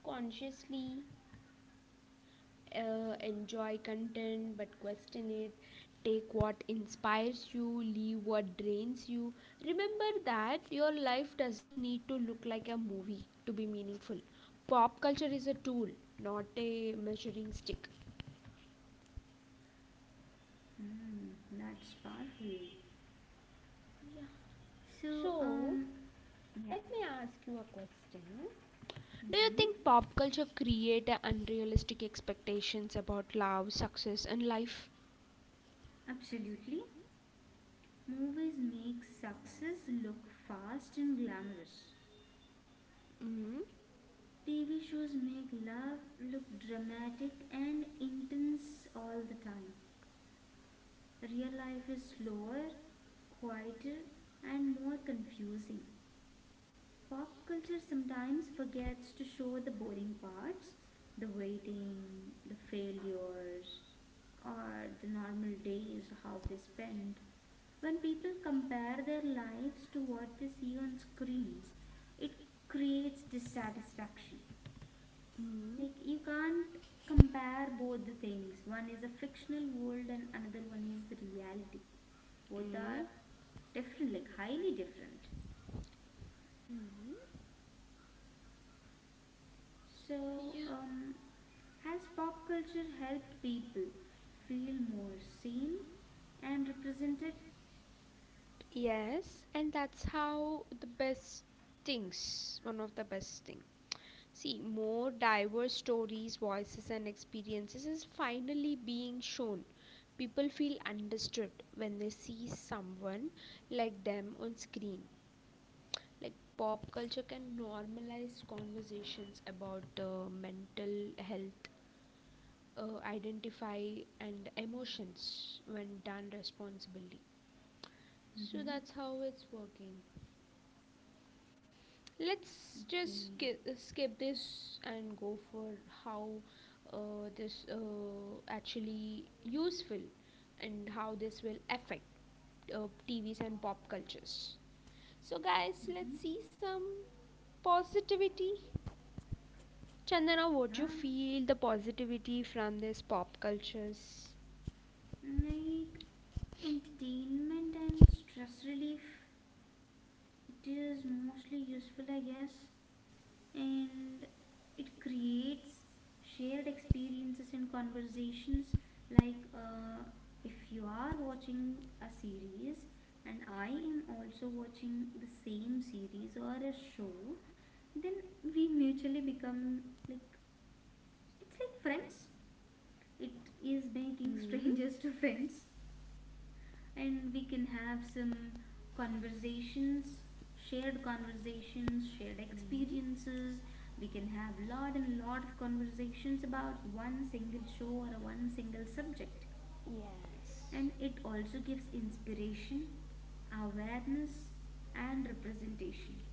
Speaker 2: consciously. Enjoy content, but question it. Take what inspires you, leave what drains you. Remember that your life doesn't need to look like a movie to be meaningful. Pop culture is a tool, not a measuring stick.
Speaker 1: Hmm, that's powerful. So,
Speaker 2: So
Speaker 1: yeah,
Speaker 2: let me ask you a question. Do you
Speaker 1: hmm,
Speaker 2: think pop culture create a unrealistic expectations about love, success, and life?
Speaker 1: absolutely. Movies make success look fast and glamorous.
Speaker 2: Mm-hmm.
Speaker 1: TV shows make love look dramatic and intense all the time. Real life is slower, quieter, and more confusing. Pop culture sometimes forgets to show the boring parts, the waiting, the failures, or the normal days how they spend. When people compare their lives to what they see on screens, it creates dissatisfaction.
Speaker 2: Mm-hmm.
Speaker 1: Like, you can't compare both the things. One is a fictional world and another one is the reality. Both are
Speaker 2: Mm-hmm.
Speaker 1: different, like highly different.
Speaker 2: Mm-hmm.
Speaker 1: So, has pop culture helped people feel more seen and represented?
Speaker 2: Yes, and that's how the best things, one of the best things. See, more diverse stories, voices, and experiences is finally being shown. People feel understood when they see someone like them on screen. Like, pop culture can normalize conversations about mental health, identify, and emotions when done responsibly. So
Speaker 1: Mm-hmm.
Speaker 2: that's how it's working. Let's just
Speaker 1: Okay.
Speaker 2: skip this and go for how this actually useful, and how this will affect TVs and pop cultures. So, guys,
Speaker 1: Mm-hmm.
Speaker 2: let's see some positivity. Chandana, what do you
Speaker 1: Yeah.
Speaker 2: feel the positivity from this pop cultures?
Speaker 1: Like entertainment and stress relief. It is mostly useful, I guess. And it creates shared experiences and conversations, like if you are watching a series and I am also watching the same series or a show, then we mutually become like, it's like friends. It is making <laughs> strangers to friends, and we can have some conversations, shared conversations, shared experiences. We can have lot and lot of conversations about one single show or one single subject. And
Speaker 2: Yes.
Speaker 1: it also gives inspiration, awareness, and representation.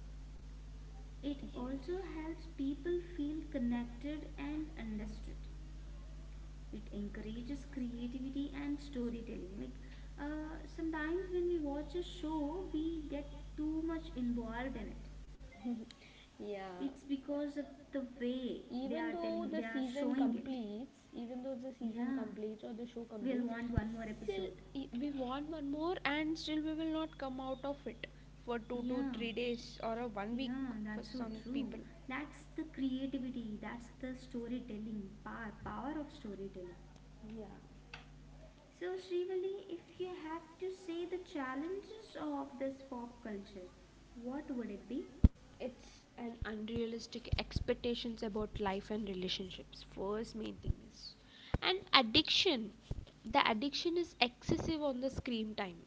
Speaker 1: It also helps people feel connected and understood. It encourages creativity and storytelling, like sometimes when we watch a show we get too much involved in it.
Speaker 2: Yeah.
Speaker 1: It's because of the way they are telling, they are
Speaker 2: Season
Speaker 1: showing it.
Speaker 2: completes, even though the season
Speaker 1: Yeah,
Speaker 2: completes or the show
Speaker 1: we'll
Speaker 2: completes,
Speaker 1: want one more
Speaker 2: still
Speaker 1: episode.
Speaker 2: we want one more, and still we will not come out of it for two to
Speaker 1: Yeah,
Speaker 2: three days or a one week
Speaker 1: yeah,
Speaker 2: for
Speaker 1: that's so
Speaker 2: some
Speaker 1: true.
Speaker 2: people.
Speaker 1: That's the creativity, that's the storytelling power, power of storytelling.
Speaker 2: Yeah.
Speaker 1: So, Srivali, if you had to say the challenges of this pop culture, what would it be?
Speaker 2: It's an unrealistic expectations about life and relationships, first main thing is, and addiction. The addiction is excessive on the screen time,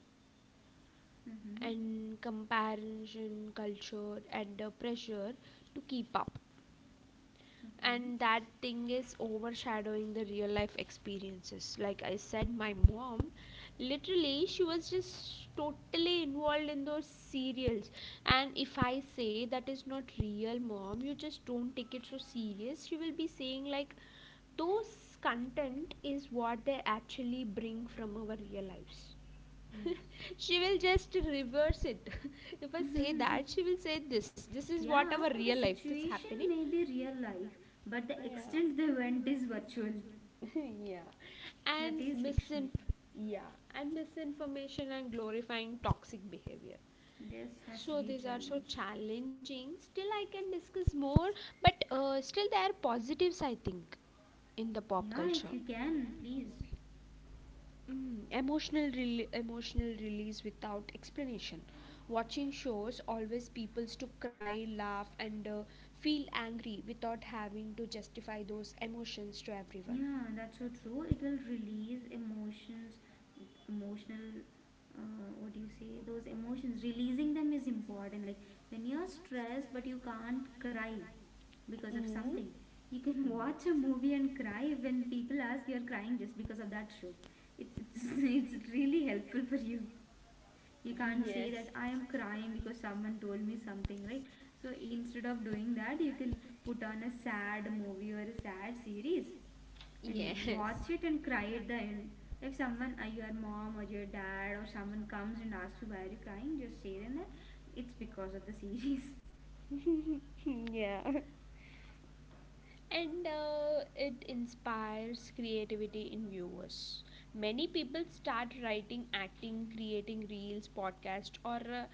Speaker 1: Mm-hmm.
Speaker 2: and comparison culture, and the pressure to keep up.
Speaker 1: Okay.
Speaker 2: And that thing is overshadowing the real life experiences. Like I said, my mom literally, she was just totally involved in those serials, and if I say that is not real, mom, you just don't take it so serious, she will be saying, like, those content is what they actually bring from our real lives.
Speaker 1: Yes.
Speaker 2: <laughs> She will just reverse it. <laughs> If I say that,
Speaker 1: <laughs>
Speaker 2: she will say this, this is what
Speaker 1: Yeah,
Speaker 2: our
Speaker 1: the
Speaker 2: real life this.
Speaker 1: situation may be real life, but the extent they went is virtual.
Speaker 2: Yeah,
Speaker 1: That
Speaker 2: and
Speaker 1: is fictional.
Speaker 2: misin. Yeah, and misinformation and glorifying toxic behavior.
Speaker 1: This has to
Speaker 2: So
Speaker 1: be a
Speaker 2: these are so
Speaker 1: challenge.
Speaker 2: challenging. Still, I can discuss more, but still there are positives, I think, in the pop
Speaker 1: Yeah, if
Speaker 2: culture.
Speaker 1: you can, please.
Speaker 2: Mm, emotional emotional release without explanation. Watching shows always peoples to cry, laugh, and feel angry without having to justify those emotions to everyone.
Speaker 1: Yeah, that's so true. It will release emotions, emotional, what do you say? Those emotions, releasing them is important. Like when you're stressed but you can't cry because of
Speaker 2: Mm.
Speaker 1: something, you can <laughs> watch a movie and cry when people ask you're crying just because of that show. <laughs> It's really helpful for you. You can't say that I am crying because someone told me something, right? So instead of doing that, you can put on a sad movie or a sad series and
Speaker 2: Yeah.
Speaker 1: watch it and cry at the end. If someone, your mom or your dad or someone comes and asks you why are you crying, just say them that it's because of the series.
Speaker 2: <laughs> Yeah. And it inspires creativity in viewers. Many people start writing, acting, creating reels, podcast, or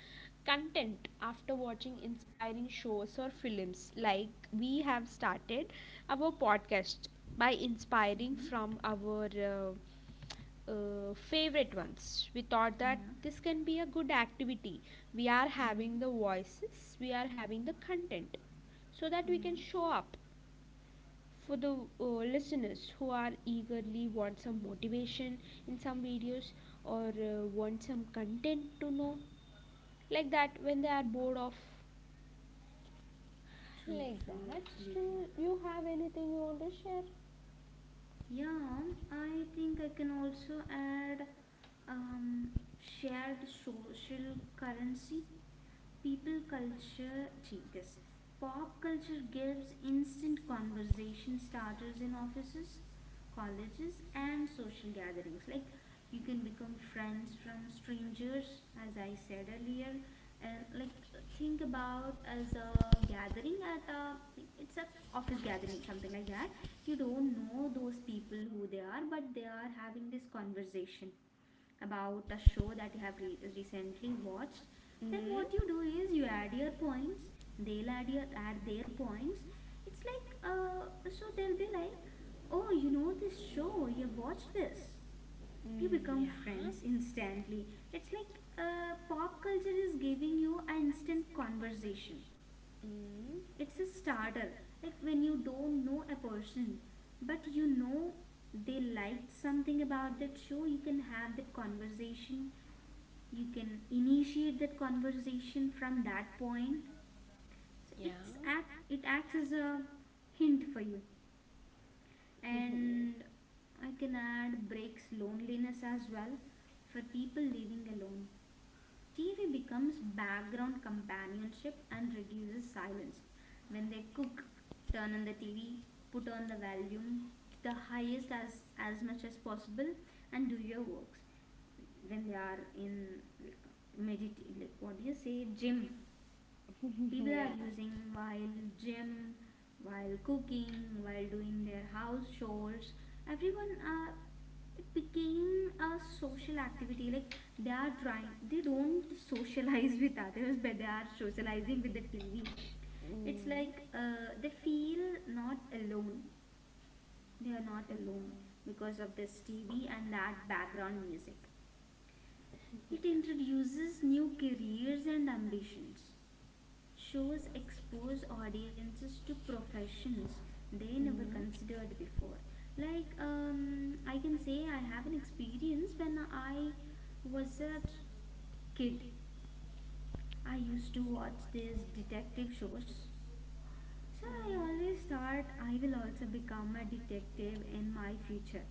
Speaker 2: content after watching inspiring shows or films. Like, we have started our podcast by
Speaker 1: <laughs>
Speaker 2: inspiring
Speaker 1: hmm.
Speaker 2: from our. Favorite ones. We thought that
Speaker 1: Yeah,
Speaker 2: this can be a good activity. We are having
Speaker 1: yeah,
Speaker 2: the voices, we are having the content, so that we can
Speaker 1: yeah.
Speaker 2: show up for the listeners who are eagerly want some motivation in some videos, or want some content to know like that when they are bored of.
Speaker 1: True,
Speaker 2: Like
Speaker 1: true,
Speaker 2: that.
Speaker 1: absolutely.
Speaker 2: Still, you have anything you want to share?
Speaker 1: Yeah. I think I can also add um, shared social currency. People culture chicas. Pop culture gives instant conversation starters in offices, colleges, and social gatherings. Like you can become friends from strangers, as I said earlier. And like think about as a gathering at a like it's a office gathering something like that. You don't know those people who they are, but they are having this conversation about a show that you have recently watched, then
Speaker 2: Mm.
Speaker 1: what you do is you add your points, they'll add their points. It's like so they'll be like, oh, you know this show, you watched this. You
Speaker 2: Mm.
Speaker 1: become friends instantly. It's like pop culture is giving you an instant conversation.
Speaker 2: Mm,
Speaker 1: It's a starter. Like when you don't know a person, but you know they liked something about that show, you can have that conversation, you can initiate that conversation from that point, so it's
Speaker 2: yeah.
Speaker 1: acts as a hint for you. And I can add breaks loneliness as well for people living alone. TV becomes background companionship and reduces silence. When they cook, turn on the TV, put on the volume to the highest as much as possible and do your works. When they are in medit like what do you say, gym, people
Speaker 2: Mm.
Speaker 1: are using while gym, while cooking, while doing their house chores. Everyone, it became a social activity. Like they are trying, they don't socialize <laughs> with others, but they are socializing with the TV. It's
Speaker 2: Mm.
Speaker 1: like they feel not alone, they are not alone because of this TV and that background music. It
Speaker 2: Mm.
Speaker 1: introduces new careers and ambitions. Shows expose audiences to professions they never considered before. Like, I can say I have an experience when I was a ch- kid. I used to watch these detective shows. So I always thought I will also become a detective in my future.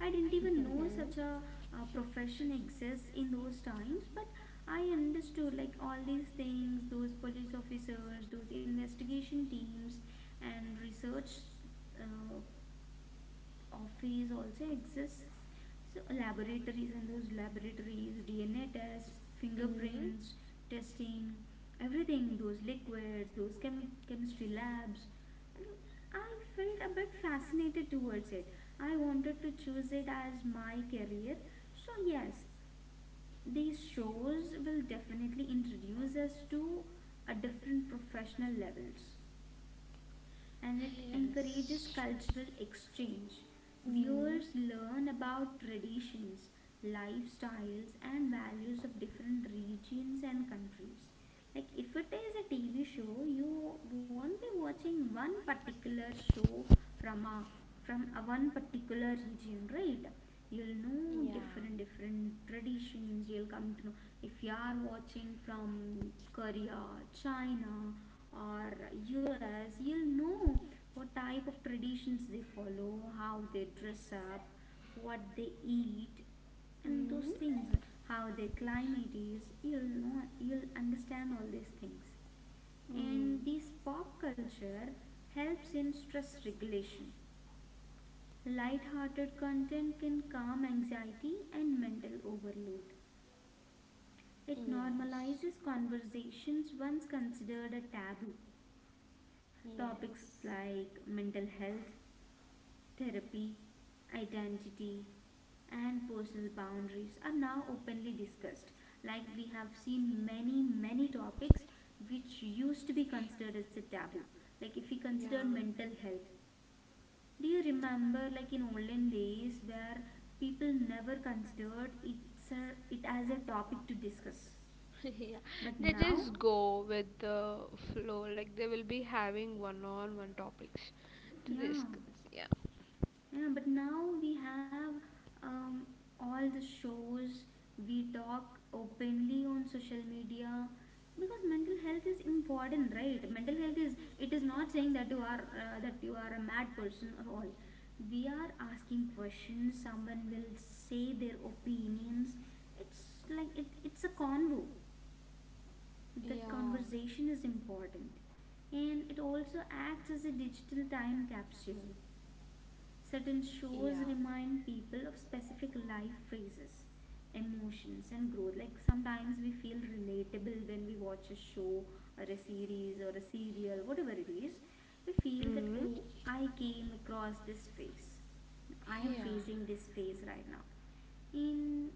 Speaker 1: I didn't even know such a profession exists in those times, but I understood like all these things, those police officers, those investigation teams, and research uh, office also exists. So laboratories and those laboratories, DNA tests, fingerprints, testing, everything, those liquids, those chemistry labs. And I felt a bit fascinated towards it. I wanted to choose it as my career. So yes, these shows will definitely introduce us to a different professional levels, and it encourages cultural exchange. Viewers learn about traditions, lifestyles, and values of different regions and countries. Like, if it is a TV show, you won't be watching one particular show from a from a one particular region, right? You'll know different different traditions. You'll come to know, if you are watching from Korea, China, or US, you'll know what type of traditions they follow, how they dress up, what they eat, and
Speaker 2: Mm.
Speaker 1: those things, how their climate is. You'll know, you'll understand all these things.
Speaker 2: Mm.
Speaker 1: And this pop culture helps in stress regulation. Light-hearted content can calm anxiety and mental overload. It normalizes conversations once considered a taboo. Topics like mental health, therapy, identity, and personal boundaries are now openly discussed. Like we have seen many, many topics which used to be considered as a taboo. Like if we consider mental health, do you remember like in olden days where people never considered it as a topic to discuss?
Speaker 2: <laughs> Yeah,
Speaker 1: But
Speaker 2: they
Speaker 1: now,
Speaker 2: just go with the flow, like they will be having one on one topics.
Speaker 1: yeah.
Speaker 2: Yeah.
Speaker 1: Yeah, but now we have um, all the shows, we talk openly on social media because mental health is important, right? Mental health is, it is not saying that you are a mad person or all. We are asking questions, someone will say their opinions. It's like it's a convo. That
Speaker 2: Yeah.
Speaker 1: conversation is important. And it also acts as a digital time capsule. Certain shows remind people of specific life phases, emotions, and growth. Like sometimes we feel relatable when we watch a show or a series or a serial, whatever it is. We feel that,
Speaker 2: Mm.
Speaker 1: oh, I came across this phase. I am facing this phase right now. In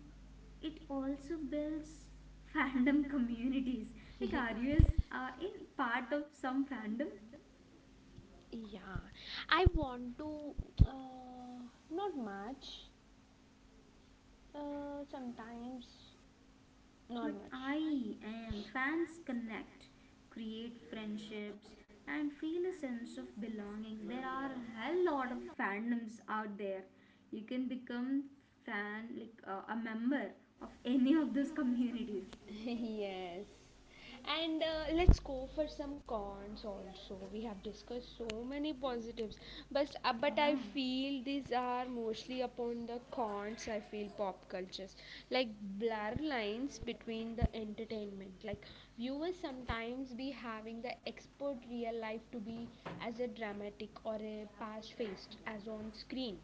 Speaker 1: it also builds fandom <laughs> communities. Like, are you in part of some fandom?
Speaker 2: Yeah. I want to, uh, not much, sometimes,
Speaker 1: But
Speaker 2: not much.
Speaker 1: I am. Fans connect, create friendships, and feel a sense of belongings. There are a hell lot of fandoms out there. You can become fan like a member of any of those communities.
Speaker 2: <laughs> Yes. And let's go for some cons also. We have discussed so many positives, but I
Speaker 1: Yeah,
Speaker 2: feel these are mostly upon the cons. I feel pop cultures, like, blur lines between the entertainment. Like, viewers sometimes be having the expert real life to be as a dramatic or a past faced as on screen.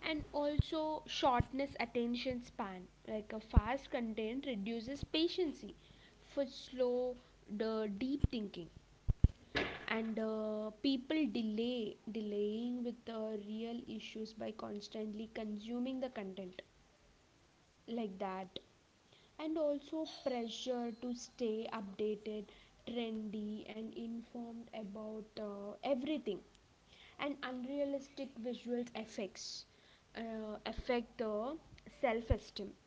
Speaker 2: And also shortness attention span, like a fast content reduces patience for slow the deep thinking. And people delay delaying with the real issues by constantly consuming the content, like that. And also pressure to stay updated, trendy, and informed about everything. And unrealistic visual effects affect the self esteem,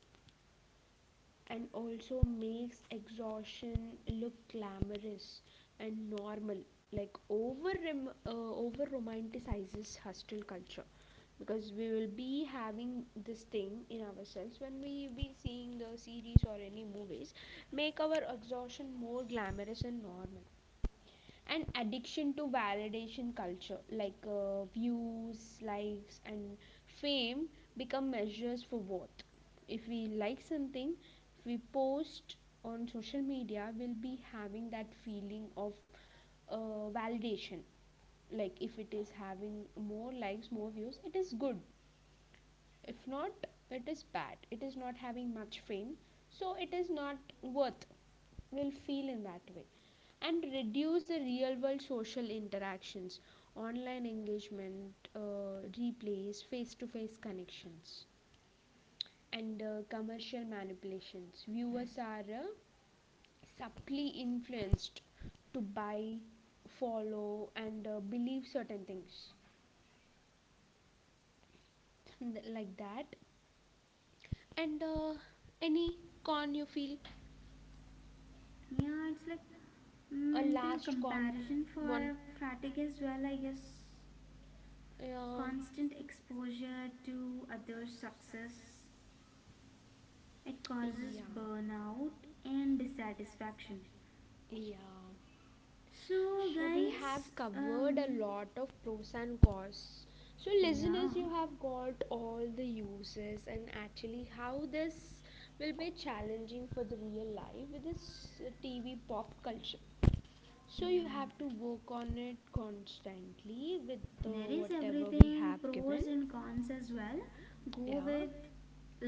Speaker 2: and also makes exhaustion look glamorous and normal. Like over romanticizes hostile culture, because we will be having this thing in ourselves when we be seeing the series or any movies, make our exhaustion more glamorous and normal. And addiction to validation culture, like views, likes, and fame become measures for worth. If we like something, if we post on social media, we'll be having that feeling of uh, validation. Like, if it is having more likes, more views, it is good. If not, it is bad. It is not having much fame, so it is not worth. Will feel in that way. And reduce the real world social interactions, online engagement, replays, face to face connections, and commercial manipulations. Viewers are subtly influenced to buy, follow, and believe certain things, <laughs> like that. And any con you feel?
Speaker 1: yeah. It's like mental comparison for fatigue as well. I guess
Speaker 2: Yeah.
Speaker 1: constant exposure to other success, it causes burnout and dissatisfaction.
Speaker 2: Yeah,
Speaker 1: So, guys,
Speaker 2: I've covered a lot of pros and cons. So,
Speaker 1: yeah,
Speaker 2: listeners, you have got all the uses and actually how this will be challenging for the real life with this TV pop culture. So,
Speaker 1: yeah,
Speaker 2: you have to work on it constantly with the
Speaker 1: there is
Speaker 2: what?
Speaker 1: everything pros and cons as well. Go with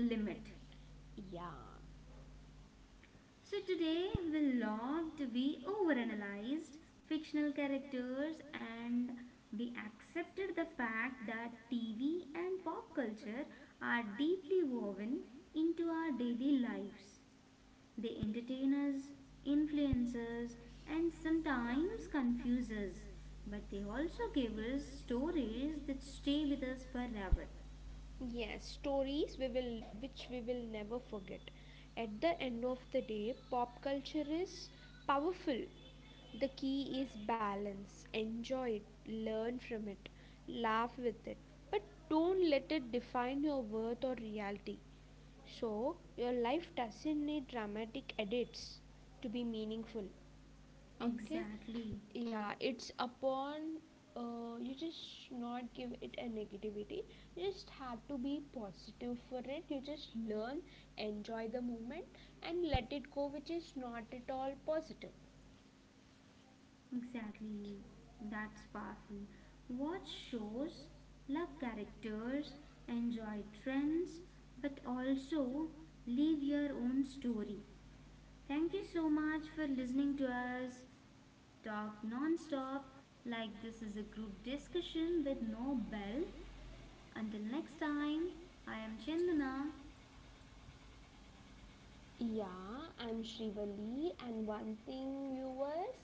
Speaker 1: limit.
Speaker 2: Yeah.
Speaker 1: So, today we loved, we overanalyzed fictional characters and we accepted the fact that TV and pop culture are deeply woven into our daily lives. They entertain us, influence us, and sometimes confuse us. But they also give us stories that stay with us forever.
Speaker 2: Yes, stories we will which we will never forget. At the end of the day, pop culture is powerful. The key is balance. Enjoy it, learn from it, laugh with it, but don't let it define your worth or reality. So your life doesn't need dramatic edits to be meaningful. Okay,
Speaker 1: Exactly,
Speaker 2: yeah, it's upon you. Just not give it a negativity. You just have to be positive for it. You just learn, enjoy the moment, and let it go which is not at all positive.
Speaker 1: exactly. That's powerful. Watch shows, love characters, enjoy trends, but also leave your own story. Thank you so much for listening to us talk non stop, like this is a group discussion with no bell. Until next time, I am Chandana.
Speaker 2: Yeah, I'm Shrivali, and one thing, viewers,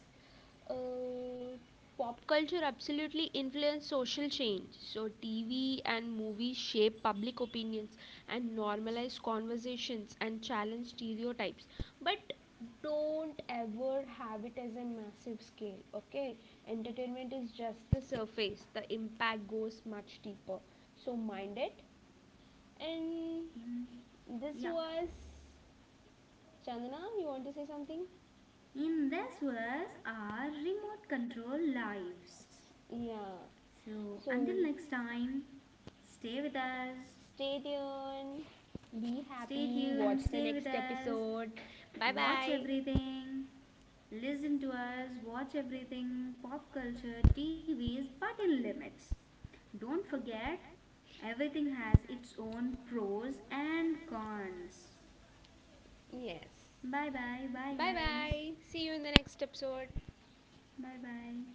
Speaker 2: uh, pop culture absolutely influence social change. So TV and movies shape public opinions and normalize conversations and challenge stereotypes. But don't ever have it as a massive scale. Okay, entertainment is just the surface. The impact goes much deeper. So mind it. And
Speaker 1: In
Speaker 2: this
Speaker 1: yeah,
Speaker 2: was, Chandana, you want to say something?
Speaker 1: in this was our remote control lives.
Speaker 2: Yeah.
Speaker 1: So until next time, stay with us.
Speaker 2: Stay tuned. Be
Speaker 1: Stay
Speaker 2: happy.
Speaker 1: tuned. Stay with us.
Speaker 2: Bye
Speaker 1: Watch
Speaker 2: bye.
Speaker 1: everything. Listen to us. Watch everything. Pop culture, TVs, but in limits. Don't forget, everything has its own pros and cons.
Speaker 2: Yes.
Speaker 1: Bye bye. Bye guys.
Speaker 2: Bye. See you in the next episode.
Speaker 1: Bye bye.